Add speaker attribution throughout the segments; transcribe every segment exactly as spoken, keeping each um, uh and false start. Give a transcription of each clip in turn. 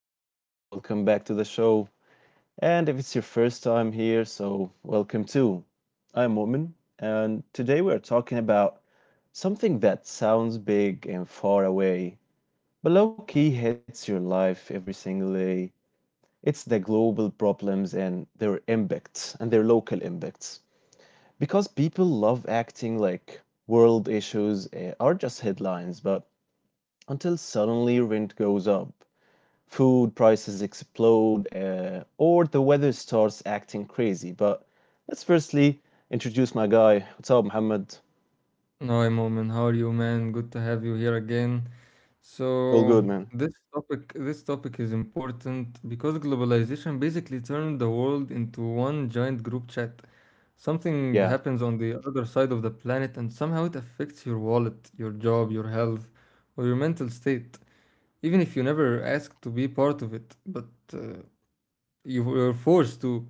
Speaker 1: up? Welcome back to the show. And if it's your first time here, so welcome too. I'm Woman, and today we're talking about something that sounds big and far away, but low key hits your life every single day. It's the global problems and their impacts and their local impacts. Because people love acting like world issues eh, are just headlines, but until suddenly rent goes up, food prices explode, uh, or the weather starts acting crazy. But let's firstly introduce my guy. What's up, Muhammad?
Speaker 2: No, hi, Momin. How are you, man? Good to have you here again.
Speaker 1: All
Speaker 2: So,
Speaker 1: good, man.
Speaker 2: this topic this topic is important because globalization basically turned the world into one giant group chat. Something
Speaker 1: Yeah,
Speaker 2: happens on the other side of the planet and somehow it affects your wallet, your job, your health, or your mental state, even if you never asked to be part of it, but uh, you were forced to.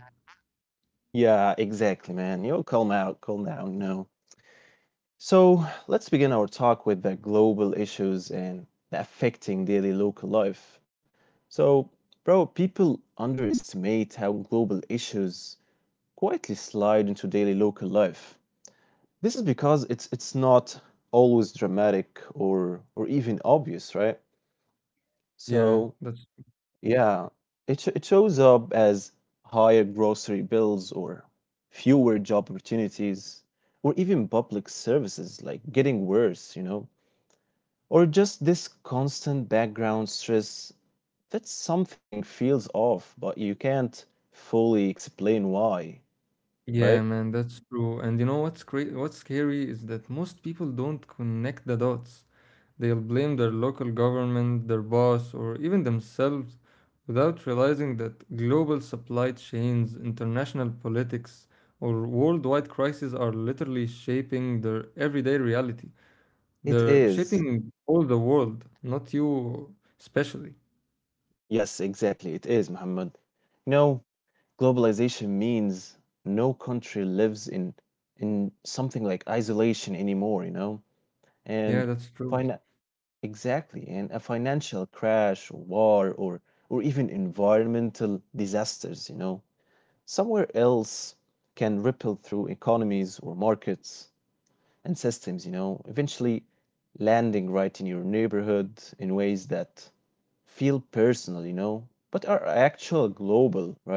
Speaker 1: yeah, exactly, man. You'll yo, calm out, calm down, you know. So let's begin our talk with the global issues and the affecting daily local life. So, bro, people underestimate how global issues quietly slide into daily local life. This is because it's it's not always dramatic or or even obvious, right?
Speaker 2: Yeah,
Speaker 1: So
Speaker 2: that's
Speaker 1: yeah, it sh it shows up as higher grocery bills or fewer job opportunities or even public services like getting worse, you know, or just this constant background stress that something feels off, but you can't fully explain why,
Speaker 2: Yeah,
Speaker 1: right?
Speaker 2: man, that's true. And you know what's cra- what's scary is that most people don't connect the dots. They'll blame their local government, their boss, or even themselves without realizing that global supply chains, international politics, or worldwide crises are literally shaping their everyday reality.
Speaker 1: It
Speaker 2: They're
Speaker 1: is.
Speaker 2: shaping all the world, not you especially.
Speaker 1: Yes, exactly. It is, Muhammad. No, globalization means no country lives in in something like isolation anymore, you know?
Speaker 2: Yeah,
Speaker 1: And
Speaker 2: that's true.
Speaker 1: fina exactly, and a financial crash, war, or or even environmental disasters, you know, somewhere else can ripple through economies or markets and systems, you know, eventually landing right in your neighborhood in ways that feel personal, you know, but are actual global, right?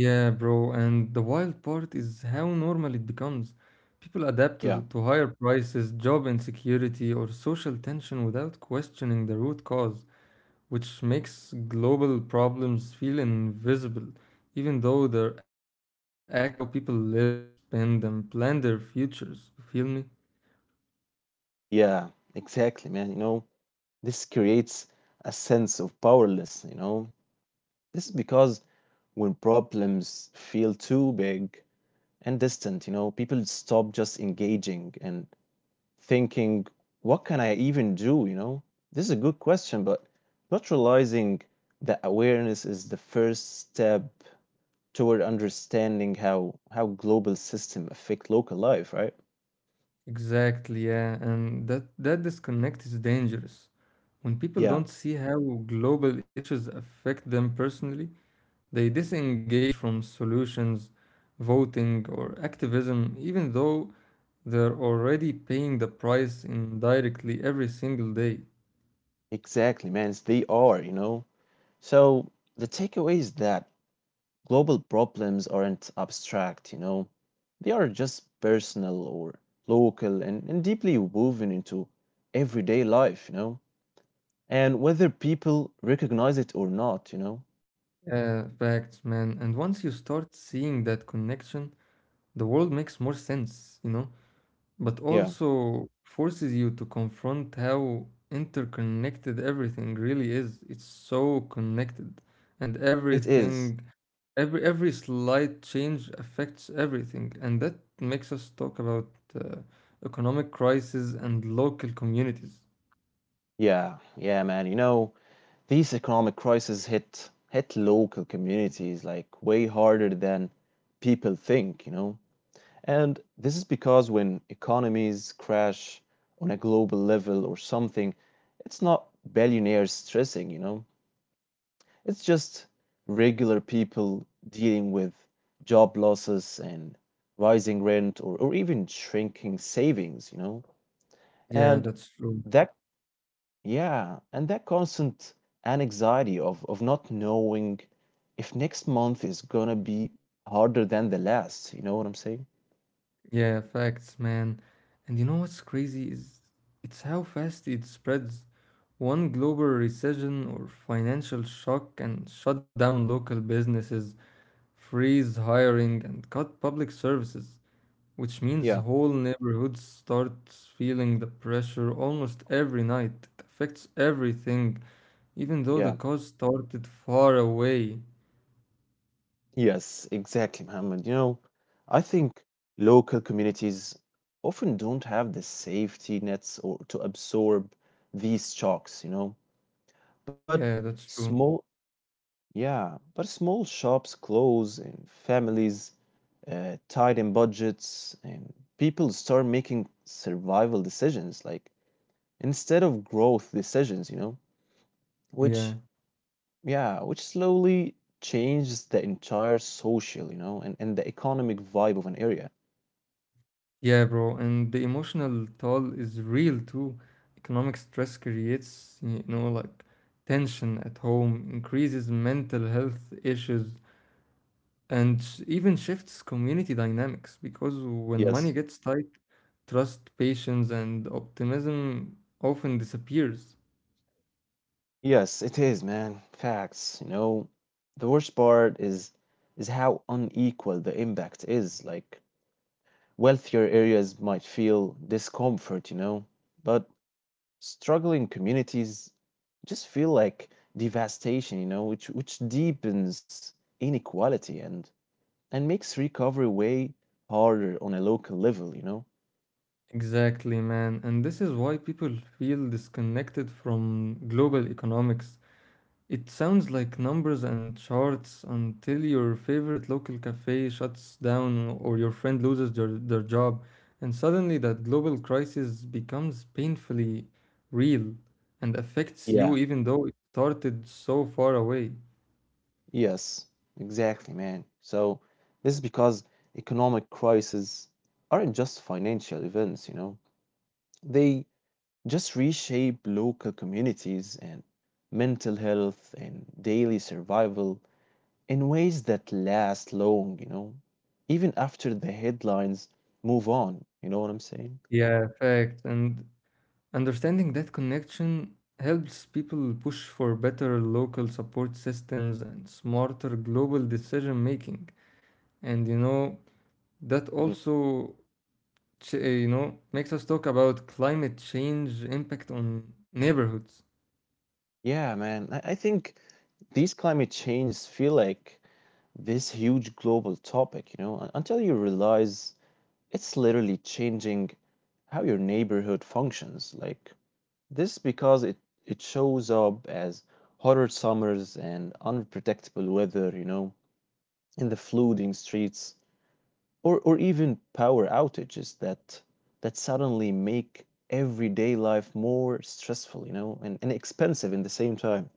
Speaker 2: Yeah, bro, and the wild part is how normal it becomes. People adapt to, the,
Speaker 1: Yeah.
Speaker 2: to higher prices, job insecurity, or social tension without questioning the root cause, which makes global problems feel invisible, even though they're actively shaping how people live, spend, and plan their futures. You feel me?
Speaker 1: Yeah, exactly, man. You know, this creates a sense of powerlessness, you know. This is because when problems feel too big and distant, you know, people stop just engaging and thinking, what can I even do, you know? This is a good question, but not realizing that awareness is the first step toward understanding how how global system affect local life, right?
Speaker 2: Exactly, yeah, and that, that disconnect is dangerous. When people
Speaker 1: Yeah,
Speaker 2: don't see how global issues affect them personally, they disengage from solutions, voting, or activism, even though they're already paying the price indirectly every single day.
Speaker 1: exactly, man. They are, you know. So the takeaway is that global problems aren't abstract, you know, they are just personal or local and, and deeply woven into everyday life, you know, and whether people recognize it or not, you know.
Speaker 2: Uh, facts, man. And once you start seeing that connection, the world makes more sense, you know? But
Speaker 1: Yeah,
Speaker 2: also forces you to confront how interconnected everything really is. It's so connected, and
Speaker 1: it is.
Speaker 2: everything, every every slight change affects everything, and that makes us talk about uh, economic crisis and local communities.
Speaker 1: Yeah, yeah, man. You know, these economic crises hit hit local communities like way harder than people think, you know. And this is because when economies crash on a global level or something, it's not billionaires stressing, you know, it's just regular people dealing with job losses and rising rent or, or even shrinking savings, you know.
Speaker 2: Yeah,
Speaker 1: And
Speaker 2: that's true.
Speaker 1: that yeah, and that constant anxiety of of not knowing if next month is gonna be harder than the last, you know what I'm saying?
Speaker 2: Yeah, facts, man. And you know what's crazy is it's how fast it spreads. One global recession or financial shock can shut down local businesses, freeze hiring, and cut public services, which means
Speaker 1: Yeah,
Speaker 2: whole neighborhoods start feeling the pressure almost every night. It affects everything, even though the
Speaker 1: yeah.
Speaker 2: cause started far away.
Speaker 1: Yes, exactly, Mohammed. You know, I think local communities often don't have the safety nets or to absorb these shocks, you know.
Speaker 2: Yeah,
Speaker 1: But
Speaker 2: that's true.
Speaker 1: small, yeah, but small shops close and families uh, tied in budgets and people start making survival decisions, like instead of growth decisions, you know, which
Speaker 2: Yeah.
Speaker 1: yeah, which slowly changes the entire social, you know, and, and the economic vibe of an area.
Speaker 2: Yeah, bro, and the emotional toll is real too. Economic stress creates, you know, like tension at home, increases mental health issues, and sh- even shifts community dynamics because when
Speaker 1: Yes.
Speaker 2: money gets tight, trust, patience, and optimism often disappears.
Speaker 1: Yes, it is, man. Facts, you know. The worst part is is how unequal the impact is. Like wealthier areas might feel discomfort, you know, but struggling communities just feel like devastation, you know, which which deepens inequality and and makes recovery way harder on a local level, you know.
Speaker 2: Exactly, man. And this is why people feel disconnected from global economics. It sounds like numbers and charts until your favorite local cafe shuts down or your friend loses their, their job, and suddenly that global crisis becomes painfully real and affects you
Speaker 1: Yeah.
Speaker 2: even though it started so far away.
Speaker 1: Yes, exactly, man. So this is because economic crises aren't just financial events, you know. They just reshape local communities and mental health and daily survival in ways that last long, you know, even after the headlines move on. You know what I'm saying?
Speaker 2: Yeah, fact. And understanding that connection helps people push for better local support systems and smarter global decision making. And you know, that
Speaker 1: Mhm.
Speaker 2: also ch- uh, you know, makes us talk about climate change impact on neighborhoods.
Speaker 1: Yeah, man. I, I think these climate changes feel like this huge global topic, you know, un- until you realize it's literally changing how your neighborhood functions. Like, this because it it shows up as hotter summers and unpredictable weather, you know, in the flooding streets, or or even power outages that that suddenly make everyday life more stressful, you know, and, and expensive in the same time.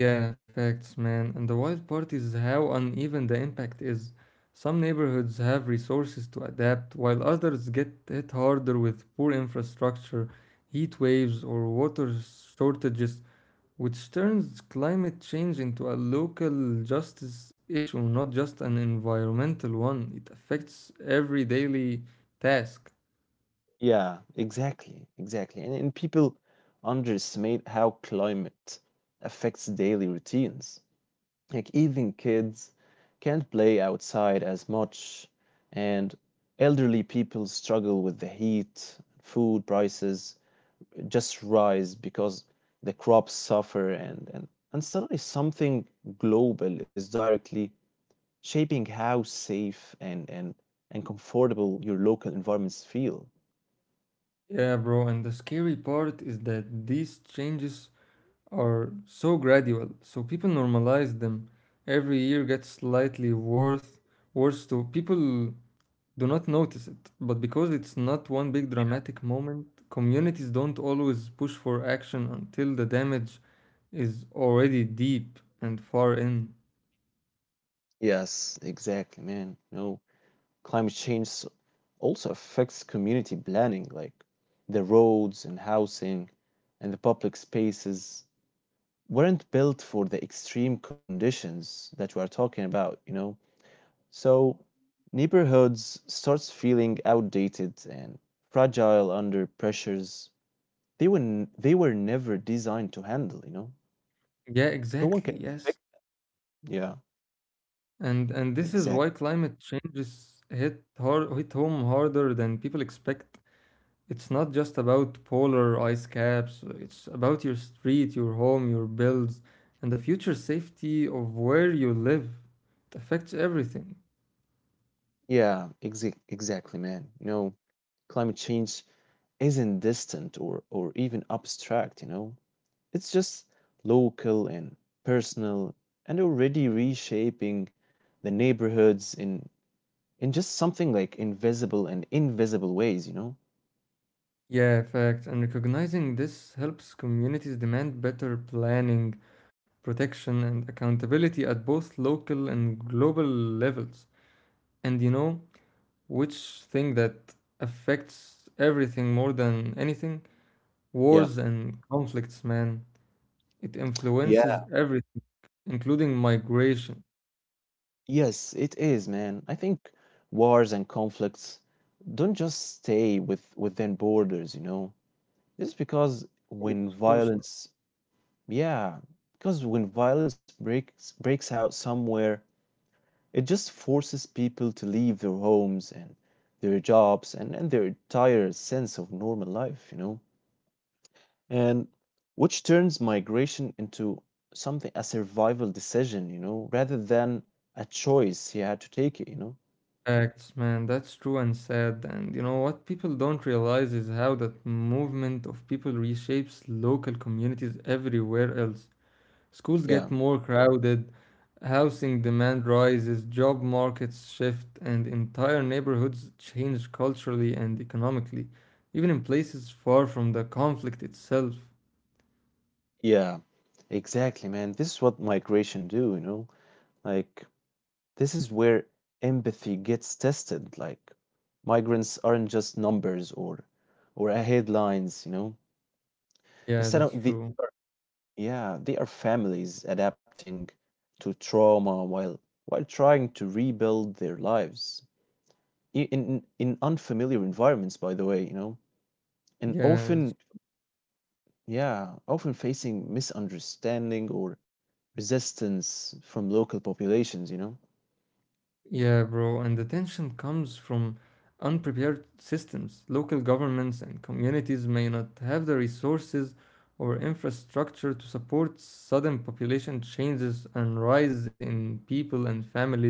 Speaker 2: Yeah, facts, man. And the wild part is how uneven the impact is. Some neighborhoods have resources to adapt, while others get hit harder with poor infrastructure, heat waves, or water shortages, which turns climate change into a local justice issue, not just an environmental one. It affects every daily task.
Speaker 1: Yeah, exactly, exactly. And, and people underestimate how climate affects daily routines. Like even kids can't play outside as much and elderly people struggle with the heat, food prices just rise because the crops suffer and and, and suddenly something global is directly shaping how safe and and and comfortable your local environments feel.
Speaker 2: Yeah, bro, and the scary part is that these changes are so gradual, so people normalize them. Every year gets slightly worse, worse so people do not notice it. But because it's not one big dramatic moment, communities don't always push for action until the damage is already deep and far in.
Speaker 1: Yes, exactly, man. No, climate change also affects community planning, like the roads and housing and the public spaces weren't built for the extreme conditions that we are talking about, you know? So neighborhoods starts feeling outdated and fragile under pressures they were n- they were never designed to handle, you know?
Speaker 2: Yeah,
Speaker 1: No one
Speaker 2: exactly,
Speaker 1: can
Speaker 2: yes.
Speaker 1: expect yeah,
Speaker 2: And and this is why
Speaker 1: exactly.
Speaker 2: climate changes hit hard, hit home harder than people expect. It's not just about polar ice caps, it's about your street, your home, your bills, and the future safety of where you live. It affects everything.
Speaker 1: Yeah, exa- exactly, man. You know, climate change isn't distant or or even abstract, you know? It's just local and personal and already reshaping the neighborhoods in in just something like invisible and invisible ways, you know?
Speaker 2: Yeah, fact. And recognizing this helps communities demand better planning, protection, and accountability at both local and global levels. And you know, which thing that affects everything more than anything?
Speaker 1: Yeah.
Speaker 2: Wars and conflicts, man. It influences
Speaker 1: Yeah.
Speaker 2: everything, including migration.
Speaker 1: Yes, it is, man. I think wars and conflicts don't just stay with within borders, you know? It's because
Speaker 2: Of
Speaker 1: when
Speaker 2: course.
Speaker 1: violence, yeah, because when violence breaks breaks out somewhere, it just forces people to leave their homes and their jobs and and their entire sense of normal life, you know, and which turns migration into something a survival decision, you know, rather than a choice he had to take it, you know.
Speaker 2: Acts, man. That's true and sad. And you know what people don't realize is how that movement of people reshapes local communities everywhere else. Schools
Speaker 1: Yeah.
Speaker 2: get more crowded, housing demand rises, job markets shift, and entire neighborhoods change culturally and economically, even in places far from the conflict itself.
Speaker 1: Yeah. Exactly, man. This is what migration do, you know. Like this is where empathy gets tested. Like migrants aren't just numbers or or headlines, you know.
Speaker 2: Yeah,
Speaker 1: Instead
Speaker 2: that's
Speaker 1: of the
Speaker 2: true.
Speaker 1: yeah, they are families adapting to trauma while while trying to rebuild their lives I- in in unfamiliar environments, by the way, you know, and
Speaker 2: Yeah,
Speaker 1: often,
Speaker 2: that's
Speaker 1: yeah, often facing misunderstanding or resistance from local populations, you know.
Speaker 2: Yeah, bro, and the tension comes from unprepared systems. Local governments and communities may not have the resources or infrastructure to support sudden population changes and rise in people and families,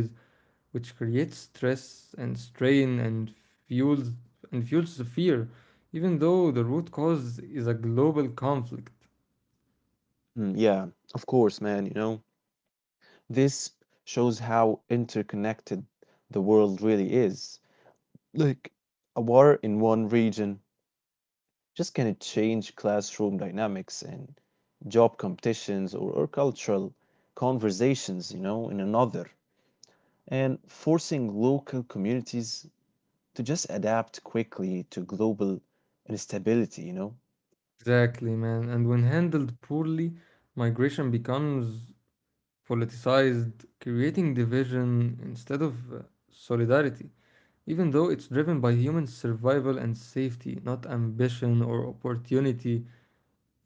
Speaker 2: which creates stress and strain and fuels and fuels the fear, even though the root cause is a global conflict.
Speaker 1: Mm, yeah, of course, man, you know. This shows how interconnected the world really is. Like a war in one region just can it change classroom dynamics and job competitions or, or cultural conversations, you know, in another, and forcing local communities to just adapt quickly to global instability, you know?
Speaker 2: Exactly, man. And when handled poorly, migration becomes politicized, creating division instead of uh, solidarity, even though it's driven by human survival and safety, not ambition or opportunity.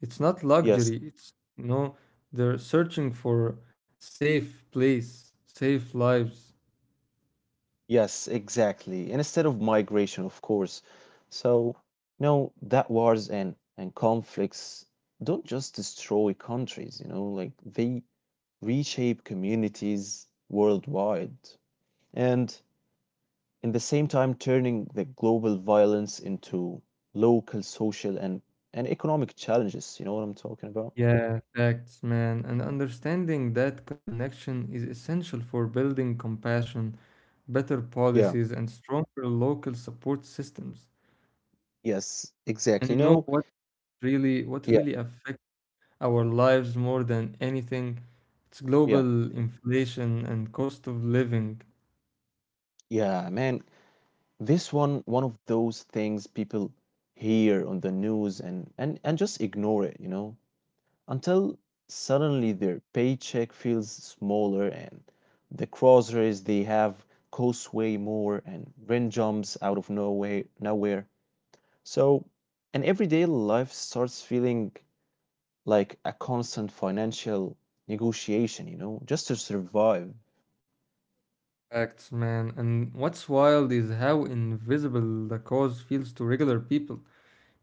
Speaker 2: It's not luxury.
Speaker 1: Yes,
Speaker 2: It's, you know, they're searching for safe place, safe lives.
Speaker 1: yes, exactly. And instead of migration, of course. So, you know, that wars and, and conflicts don't just destroy countries, you know, like they reshape communities worldwide. And in the same time turning the global violence into local social and, and economic challenges. You know what I'm talking about?
Speaker 2: Yeah, facts, man. And understanding that connection is essential for building compassion, better
Speaker 1: Yeah.
Speaker 2: policies, and stronger local support systems.
Speaker 1: Yes,
Speaker 2: And
Speaker 1: exactly.
Speaker 2: you
Speaker 1: You
Speaker 2: know
Speaker 1: know,
Speaker 2: what really what
Speaker 1: yeah.
Speaker 2: really affects our lives more than anything. It's
Speaker 1: Yeah,
Speaker 2: global inflation and cost of living.
Speaker 1: yeah, man. This one, one of those things people hear on the news and and and just ignore it, you know, until suddenly their paycheck feels smaller and the groceries they have cost way more and rent jumps out of nowhere, nowhere, so, and everyday life starts feeling like a constant financial negotiation, you know, just to survive.
Speaker 2: Facts, man. And what's wild is how invisible the cause feels to regular people.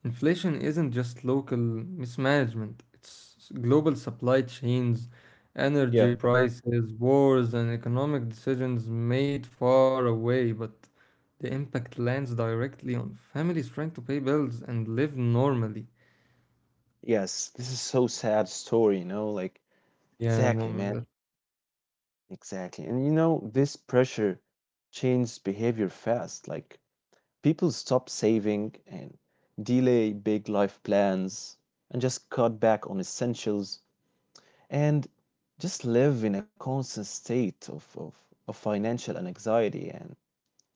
Speaker 2: Inflation isn't just local mismanagement, it's global supply chains, energy
Speaker 1: Yeah.
Speaker 2: prices, wars, and economic decisions made far away, but the impact lands directly on families trying to pay bills and live normally.
Speaker 1: Yes, this is so sad story, you know, like
Speaker 2: Yeah,
Speaker 1: exactly, man.
Speaker 2: moment.
Speaker 1: Exactly. And you know, this pressure changes behavior fast. Like people stop saving and delay big life plans and just cut back on essentials and just live in a constant state of, of, of financial anxiety and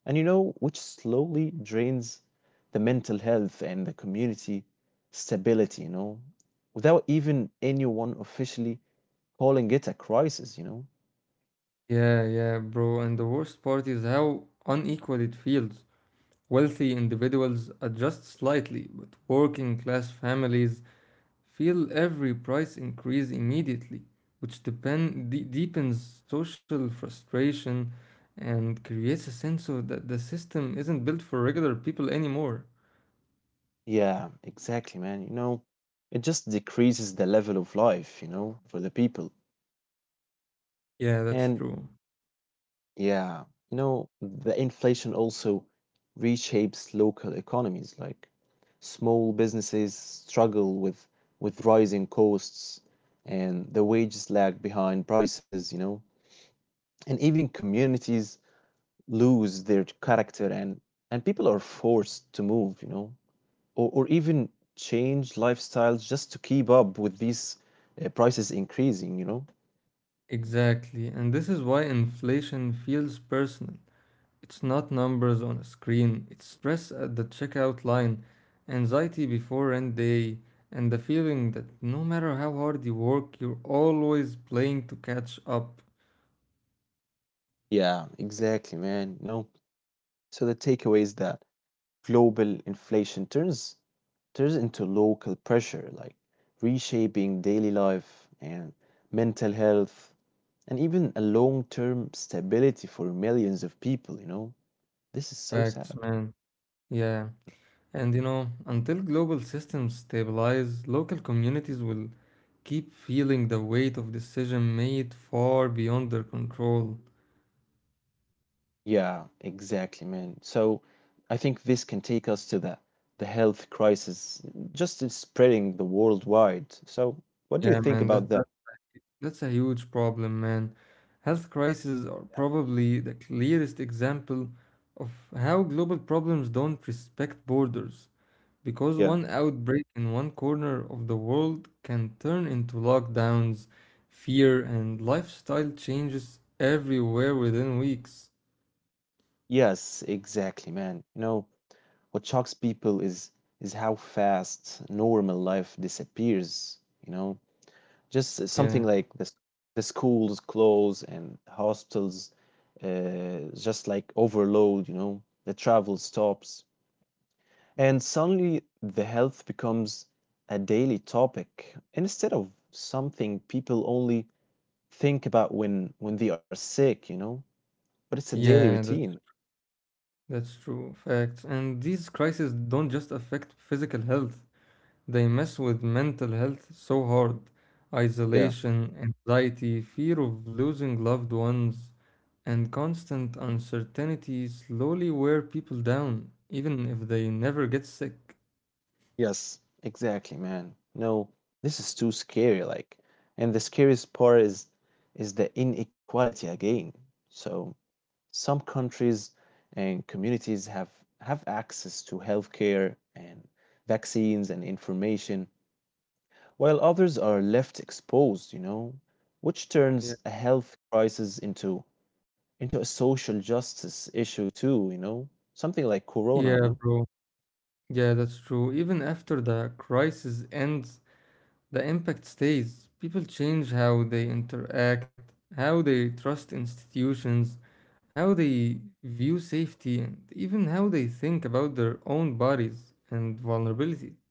Speaker 1: and you know which slowly drains the mental health and the community stability, you know, without even anyone officially calling it a crisis, you know.
Speaker 2: Yeah, yeah, bro. And the worst part is how unequal it feels. Wealthy individuals adjust slightly, but working class families feel every price increase immediately, which depend de- deepens social frustration and creates a sense of that the system isn't built for regular people anymore.
Speaker 1: Yeah, exactly, man. You know, it just decreases the level of life, you know, for the people.
Speaker 2: Yeah, that's
Speaker 1: And
Speaker 2: true.
Speaker 1: yeah, you know, the inflation also reshapes local economies. Like small businesses struggle with with rising costs and the wages lag behind prices, you know, and even communities lose their character and and people are forced to move, you know, or, or even change lifestyles just to keep up with these uh, prices increasing, you know.
Speaker 2: Exactly. And this is why inflation feels personal. It's not numbers on a screen, it's stress at the checkout line, anxiety before end day, and the feeling that no matter how hard you work, you're always playing to catch up.
Speaker 1: Yeah, exactly, man. You know, so the takeaway is that global inflation turns turns into local pressure, like reshaping daily life and mental health and even a long term stability for millions of people, you know? This is so
Speaker 2: Facts,
Speaker 1: sad.
Speaker 2: man. Yeah. And you know, until global systems stabilize, local communities will keep feeling the weight of decision made far beyond their control.
Speaker 1: Yeah, exactly, man. So I think this can take us to the the health crisis just is spreading the worldwide. So what do you
Speaker 2: Yeah,
Speaker 1: think
Speaker 2: man, that's
Speaker 1: about that?
Speaker 2: That's a huge problem, man. Health crises are probably the clearest example of how global problems don't respect borders, because
Speaker 1: Yeah.
Speaker 2: one outbreak in one corner of the world can turn into lockdowns, fear, and lifestyle changes everywhere within weeks.
Speaker 1: Yes, exactly, man. You know, what shocks people is is how fast normal life disappears, you know? Just something
Speaker 2: Yeah,
Speaker 1: like this, the schools close and hospitals uh, just like overload, you know, the travel stops. And suddenly the health becomes a daily topic instead of something people only think about when when they are sick, you know? But it's a
Speaker 2: yeah,
Speaker 1: daily
Speaker 2: that's
Speaker 1: routine.
Speaker 2: that's true. Facts. And these crises don't just affect physical health. They mess with mental health so hard,
Speaker 1: Yeah.
Speaker 2: isolation, anxiety, fear of losing loved ones, and constant uncertainty slowly wear people down, even if they never get sick.
Speaker 1: Yes, exactly, man. No, this is too scary, like, and the scariest part is is the inequality again. So some countries and communities have have access to healthcare and vaccines and information, while others are left exposed, you know, which turns
Speaker 2: Yeah.
Speaker 1: a health crisis into into a social justice issue too, you know, something like corona, you know.
Speaker 2: Yeah, bro. Yeah, that's true. Even after the crisis ends, the impact stays. People change how they interact, how they trust institutions, how they view safety, and even how they think about their own bodies and vulnerability.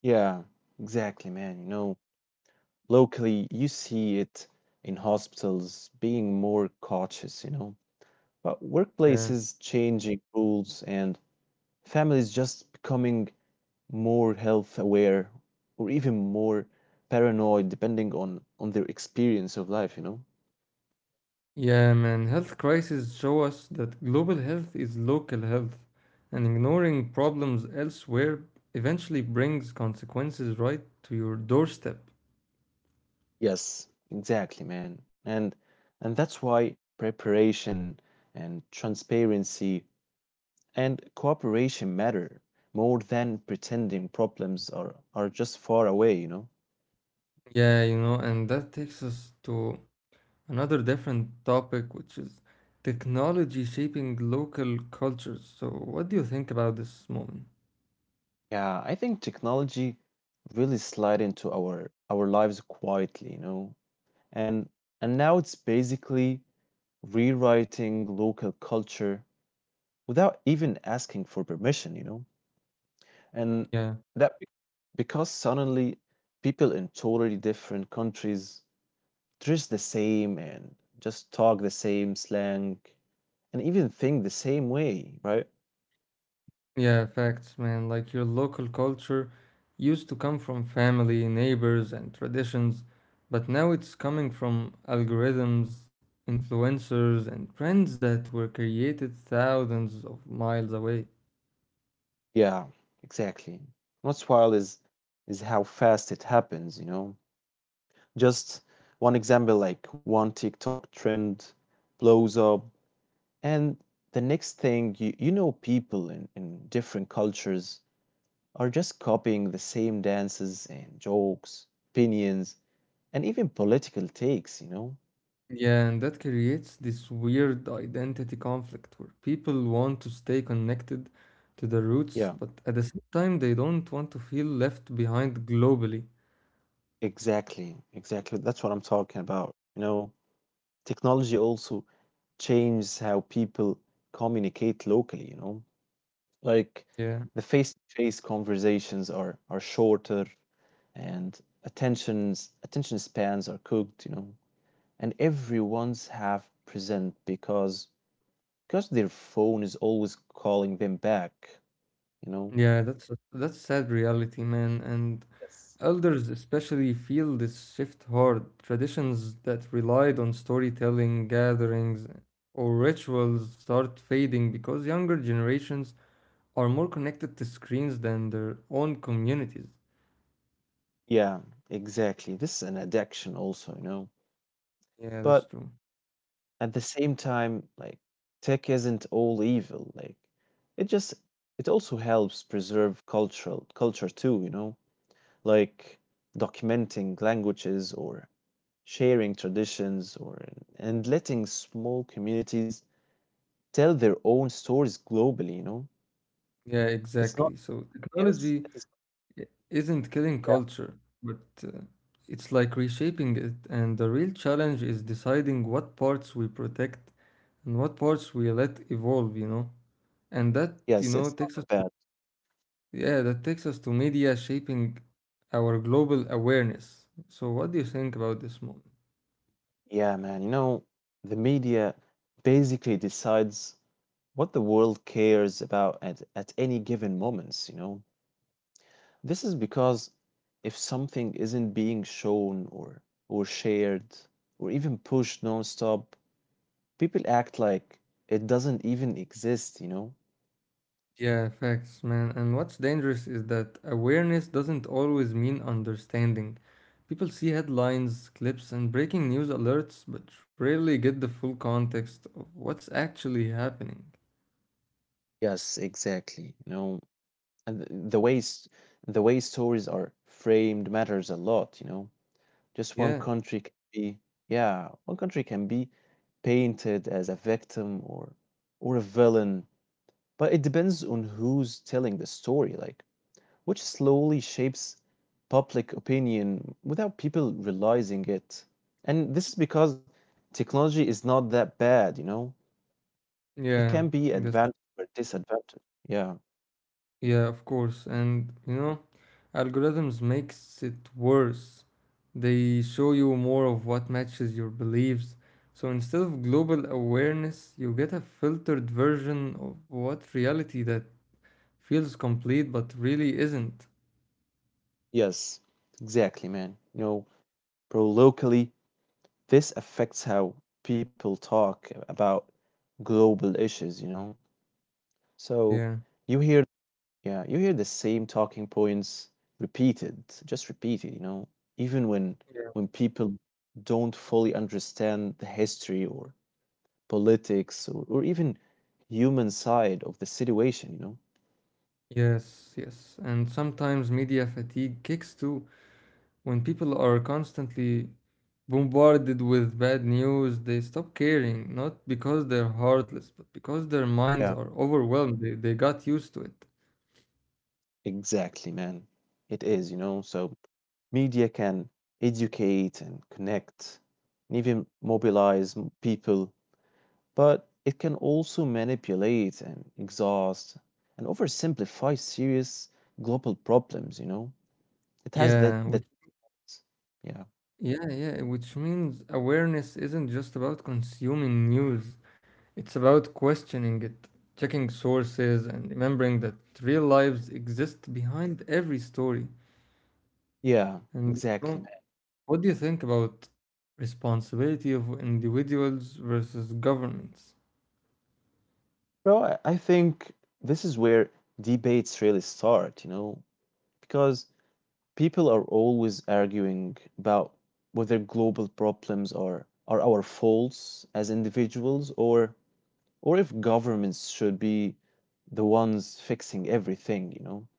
Speaker 1: Yeah, exactly, man. You know, locally you see it in hospitals being more cautious, you know, but
Speaker 2: Yeah,
Speaker 1: workplaces changing rules and families just becoming more health aware or even more paranoid depending on on their experience of life, you know.
Speaker 2: yeah, man. Health crises show us that global health is local health, and ignoring problems elsewhere eventually brings consequences right to your doorstep.
Speaker 1: Yes, exactly, man. And and that's why preparation and transparency and cooperation matter more than pretending problems are are just far away, you know?
Speaker 2: Yeah, you know, and that takes us to another different topic, which is technology shaping local cultures. So, what do you think about this moment?
Speaker 1: Yeah, I think technology really slid into our our lives quietly, you know. And and now it's basically rewriting local culture without even asking for permission, you know. And
Speaker 2: Yeah.
Speaker 1: that be- because suddenly people in totally different countries dress the same and just talk the same slang and even think the same way, right?
Speaker 2: Yeah, facts, man. Like your local culture used to come from family, neighbors, and traditions, but now it's coming from algorithms, influencers, and trends that were created thousands of miles away.
Speaker 1: Yeah, exactly. What's wild is is how fast it happens, you know. Just one example, like one TikTok trend blows up, and the next thing you you know, people in, in different cultures are just copying the same dances and jokes, opinions, and even political takes, you know.
Speaker 2: Yeah, and that creates this weird identity conflict where people want to stay connected to their roots,
Speaker 1: Yeah,
Speaker 2: but at the same time, they don't want to feel left behind globally.
Speaker 1: exactly, exactly. That's what I'm talking about. You know, technology also changes how people communicate locally, you know. Like
Speaker 2: Yeah.
Speaker 1: the face-to-face conversations are are shorter and attentions attention spans are cooked, you know. And everyone's half present because because their phone is always calling them back, you know.
Speaker 2: Yeah, that's a, that's sad reality, man. And
Speaker 1: Yes.
Speaker 2: elders especially feel this shift hard. Traditions that relied on storytelling, gatherings, or rituals start fading because younger generations are more connected to screens than their own communities.
Speaker 1: Yeah, exactly. This is an addiction also, you know.
Speaker 2: Yeah, that's
Speaker 1: But
Speaker 2: true.
Speaker 1: at the same time, like tech isn't all evil. Like it just it also helps preserve cultural culture too, you know, like documenting languages or sharing traditions, or and letting small communities tell their own stories globally, you know?
Speaker 2: Yeah, exactly.
Speaker 1: It's not
Speaker 2: So technology
Speaker 1: yes, it is,
Speaker 2: i- isn't killing
Speaker 1: yeah.
Speaker 2: culture, but uh, it's like reshaping it. And the real challenge is deciding what parts we protect and what parts we let evolve, you know? And that, you
Speaker 1: Yes,
Speaker 2: know,
Speaker 1: it's
Speaker 2: takes
Speaker 1: not that bad.
Speaker 2: Yeah, that takes us to media shaping our global awareness. So, what do you think about this moment?
Speaker 1: Yeah, man, you know, the media basically decides what the world cares about at, at any given moments, you know? This is because if something isn't being shown or or shared or even pushed nonstop, people act like it doesn't even exist, you know?
Speaker 2: Yeah, facts, man. And what's dangerous is that awareness doesn't always mean understanding. People see headlines, clips, and breaking news alerts, but rarely get the full context of what's actually happening.
Speaker 1: Yes, exactly. You know, and th- the way the way stories are framed matters a lot, you know. Just one
Speaker 2: Yeah,
Speaker 1: country can be, yeah, one country can be painted as a victim or or a villain, but it depends on who's telling the story, like, which slowly shapes public opinion without people realizing it. And this is because technology is not that bad, you know? It can
Speaker 2: yeah,
Speaker 1: be
Speaker 2: that's
Speaker 1: advantage or disadvantage. Yeah.
Speaker 2: Yeah, of course. And you know, algorithms makes it worse. They show you more of what matches your beliefs. So instead of global awareness, you get a filtered version of what reality that feels complete but really isn't.
Speaker 1: Yes, exactly, man. You know, bro, locally, this affects how people talk about global issues, you know? So
Speaker 2: Yeah.
Speaker 1: you hear Yeah, you hear the same talking points repeated, just repeated, you know, even when
Speaker 2: Yeah.
Speaker 1: when people don't fully understand the history or politics, or, or even human side of the situation, you know.
Speaker 2: Yes, yes. And sometimes media fatigue kicks too. When people are constantly bombarded with bad news, they stop caring, not because they're heartless, but because their
Speaker 1: Yeah,
Speaker 2: minds are overwhelmed. They, they got used to it.
Speaker 1: exactly, man. It is, you know, so media can educate and connect and even mobilize m- people, but it can also manipulate and exhaust and oversimplify serious global problems, you know? It has that,
Speaker 2: Yeah, which,
Speaker 1: that yeah,
Speaker 2: yeah, yeah, which means awareness isn't just about consuming news, it's about questioning it, checking sources, and remembering that real lives exist behind every story.
Speaker 1: yeah,
Speaker 2: And you know,
Speaker 1: exactly, man.
Speaker 2: what do you think about responsibility of individuals versus governments?
Speaker 1: Bro, I I think this is where debates really start, you know, because people are always arguing about whether global problems are are our faults as individuals or or if governments should be the ones fixing everything, you know.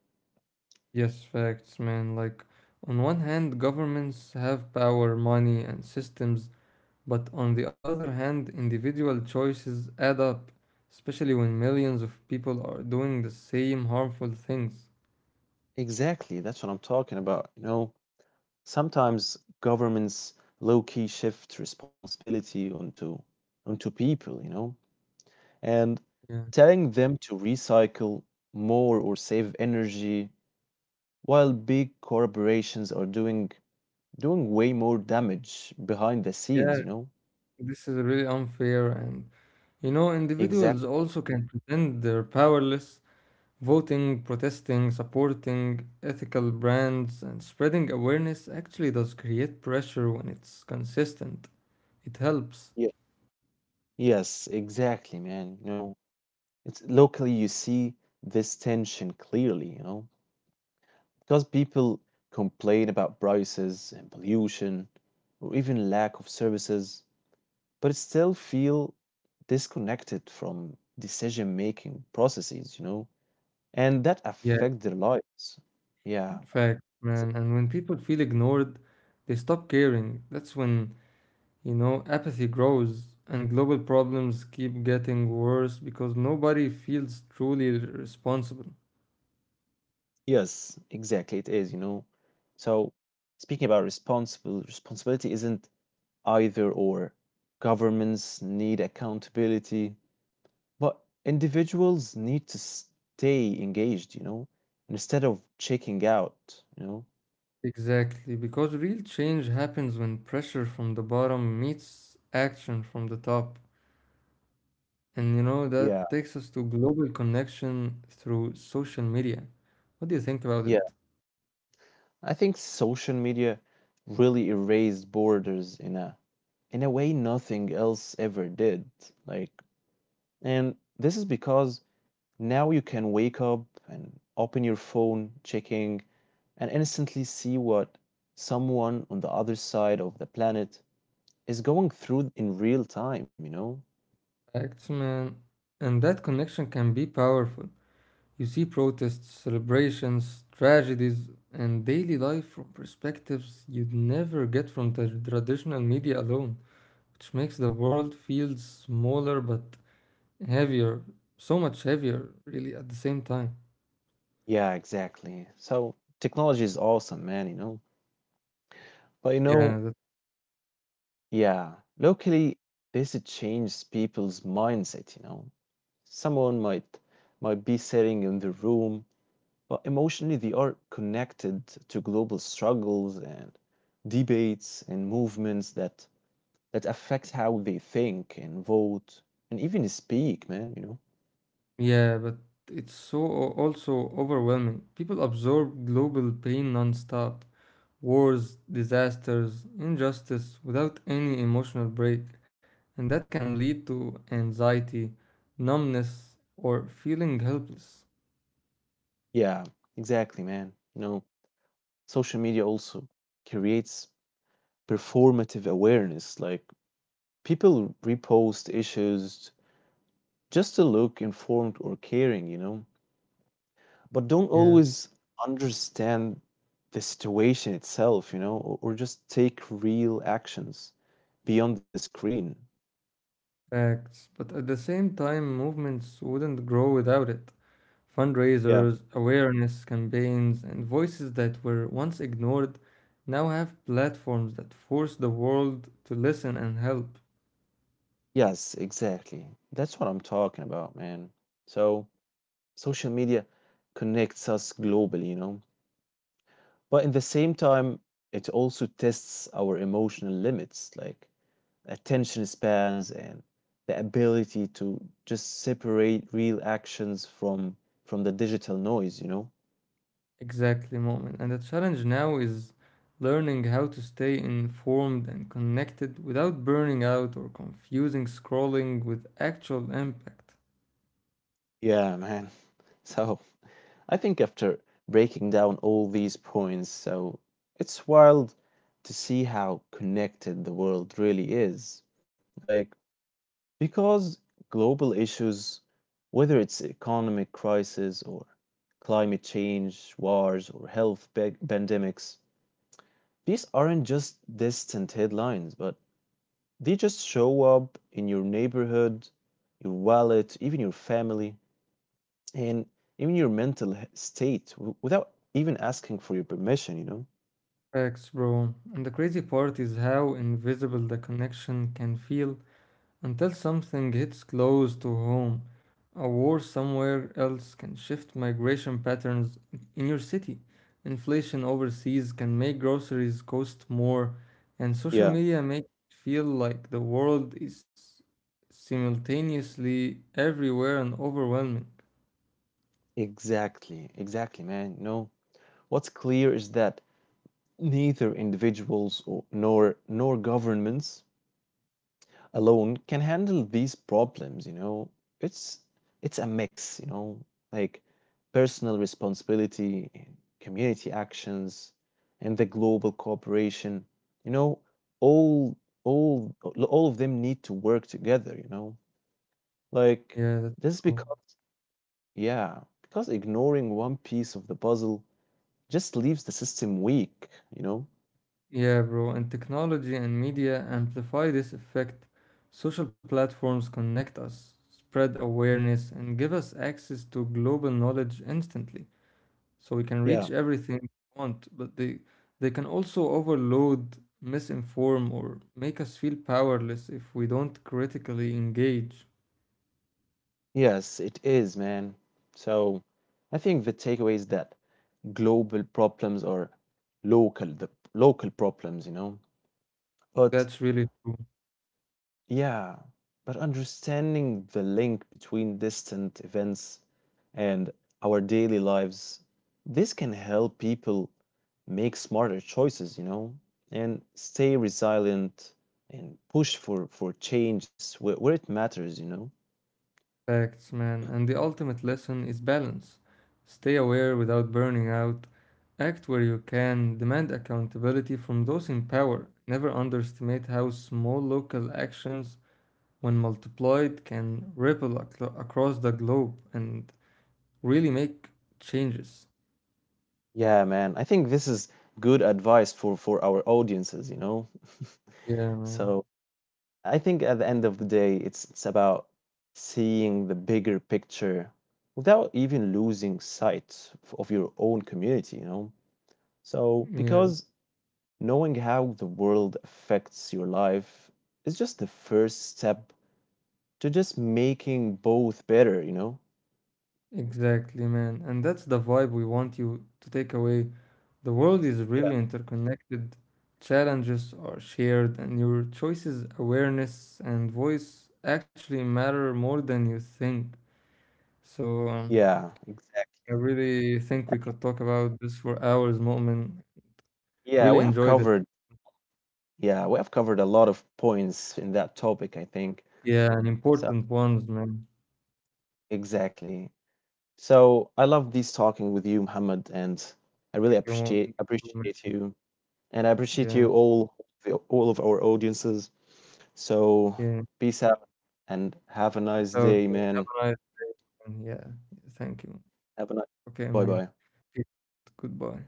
Speaker 2: Yes, facts, man. Like, on one hand, governments have power, money, and systems, but on the other hand, individual choices add up, especially when millions of people are doing the same harmful things.
Speaker 1: Exactly. That's what I'm talking about. You know, sometimes governments low-key shift responsibility onto onto people, you know, and
Speaker 2: Yeah.
Speaker 1: telling them to recycle more or save energy, while big corporations are doing doing way more damage behind the
Speaker 2: Yeah,
Speaker 1: scenes, you know.
Speaker 2: this is really unfair. And, you know,
Speaker 1: Exactly.
Speaker 2: individuals also can pretend they're powerless, voting, protesting, supporting ethical brands, and spreading awareness actually does create pressure when it's consistent. It helps.
Speaker 1: Yeah. Yes, exactly, man. You know, it's locally you see this tension clearly, you know. Because people complain about prices and pollution or even lack of services, but still feel disconnected from decision making processes, you know, and that
Speaker 2: Yeah,
Speaker 1: affect their lives. Yeah.
Speaker 2: facts,
Speaker 1: S-
Speaker 2: man. And when people feel ignored, they stop caring. That's when, you know, apathy grows and global problems keep getting worse because nobody feels truly responsible.
Speaker 1: Yes, exactly. It is, you know. So speaking about responsible responsibility isn't either or. Governments need accountability but individuals need to stay engaged, you know, instead of checking out, you know.
Speaker 2: Exactly, because real change happens when pressure from the bottom meets action from the top. And you know,
Speaker 1: Yeah.
Speaker 2: that takes us to global connection through social media. What do you think about
Speaker 1: Yeah,
Speaker 2: it?
Speaker 1: I think social media really erased borders in a in a way nothing else ever did. Like, and this is because now you can wake up and open your phone, checking, and instantly see what someone on the other side of the planet is going through in real time, you know?
Speaker 2: Facts, man. And that connection can be powerful. You see protests, celebrations, tragedies, and daily life from perspectives you'd never get from the traditional media alone, which makes the world feel smaller but heavier, so much heavier, really, at the same time.
Speaker 1: Yeah, exactly. So technology is awesome, man, you know. But you know,
Speaker 2: Yeah, that,
Speaker 1: yeah, locally this it changes people's mindset, you know. Someone might might be sitting in the room, but emotionally they are connected to global struggles and debates and movements that that affect how they think and vote and even speak, man, you know.
Speaker 2: yeah, but it's so also overwhelming. People absorb global pain nonstop, wars, disasters, injustice without any emotional break, and that can lead to anxiety, numbness, or feeling helpless.
Speaker 1: Yeah, exactly, man. You know, social media also creates performative awareness. Like people repost issues just to look informed or caring, you know, but don't
Speaker 2: Yeah,
Speaker 1: always understand the situation itself, you know, or, or just take real actions beyond the screen.
Speaker 2: facts. But at the same time, movements wouldn't grow without it.
Speaker 1: Yeah.
Speaker 2: Fundraisers, awareness campaigns, and voices that were once ignored now have platforms that force the world to listen and help.
Speaker 1: Yes, exactly. That's what I'm talking about, man. So social media connects us globally, you know, but in the same time, it also tests our emotional limits. Like attention spans and the ability to just separate real actions from from the digital noise, you know.
Speaker 2: Exactly, moment. And the challenge now is learning how to stay informed and connected without burning out or confusing scrolling with actual impact.
Speaker 1: Yeah, man. So I think after breaking down all these points, so it's wild to see how connected the world really is, like, because global issues, whether it's economic crisis or climate change wars or health pa- pandemics, these aren't just distant headlines, but they just show up in your neighborhood, your wallet, even your family, and even your mental he- state w- without even asking for your permission, you know?
Speaker 2: Facts, bro. And the crazy part is how invisible the connection can feel until something hits close to home, a war somewhere else can shift migration patterns in your city. Inflation overseas can make groceries cost more, and social
Speaker 1: Yeah,
Speaker 2: media make it feel like the world is simultaneously everywhere and overwhelming.
Speaker 1: exactly, exactly, man. No, what's clear is that neither individuals or, nor nor governments alone can handle these problems, you know. It's it's a mix, you know, like personal responsibility and community actions and the global cooperation, you know, all all all of them need to work together, you know, like
Speaker 2: Yeah, that's
Speaker 1: this
Speaker 2: true.
Speaker 1: because yeah, because ignoring one piece of the puzzle just leaves the system weak, you know.
Speaker 2: Yeah, bro, and technology and media amplify this effect. Social platforms connect us, spread awareness, and give us access to global knowledge instantly. So we can
Speaker 1: Yeah,
Speaker 2: reach everything we want, but they they can also overload, misinform, or make us feel powerless if we don't critically engage.
Speaker 1: yes it is, man. So I think the takeaway is that global problems or local, the local problems, you know, but
Speaker 2: That's really true.
Speaker 1: yeah, but understanding the link between distant events and our daily lives, this can help people make smarter choices, you know, and stay resilient and push for for changes where, where it matters, you know.
Speaker 2: Facts, man. And the ultimate lesson is balance. Stay aware without burning out. Act where you can. Demand accountability from those in power. Never underestimate how small local actions, when multiplied, can ripple aclo across the globe and really make changes.
Speaker 1: Yeah, man. I think this is good advice for for our audiences, you know.
Speaker 2: Yeah, man.
Speaker 1: So I think at the end of the day, it's it's about seeing the bigger picture without even losing sight f- of your own community, you know. So
Speaker 2: Yeah,
Speaker 1: because knowing how the world affects your life is just the first step to just making both better, you know?
Speaker 2: exactly, man. And that's the vibe we want you to take away. The world is really
Speaker 1: Yeah.
Speaker 2: interconnected, challenges are shared, and your choices, awareness, and voice actually matter more than you think. So, um,
Speaker 1: Yeah, exactly.
Speaker 2: I really think we could talk about this for hours, Mu'min.
Speaker 1: Yeah,
Speaker 2: Really
Speaker 1: we have
Speaker 2: enjoyed it.
Speaker 1: covered yeah, we have covered a lot of points in that topic, I think.
Speaker 2: Yeah, and
Speaker 1: So,
Speaker 2: important ones, man.
Speaker 1: exactly. So, I love these talking with you, Muhammad, and
Speaker 2: Thank
Speaker 1: I
Speaker 2: you,
Speaker 1: really
Speaker 2: Mu'min.
Speaker 1: appreciate appreciate you and I appreciate
Speaker 2: Yeah,
Speaker 1: you all all of our audiences. So,
Speaker 2: yeah.
Speaker 1: peace out and have a nice
Speaker 2: Peace out,
Speaker 1: day,
Speaker 2: man.
Speaker 1: man.
Speaker 2: Have a nice one. Yeah, thank you.
Speaker 1: Have a nice
Speaker 2: Okay, man.
Speaker 1: bye-bye.
Speaker 2: Peace. Goodbye.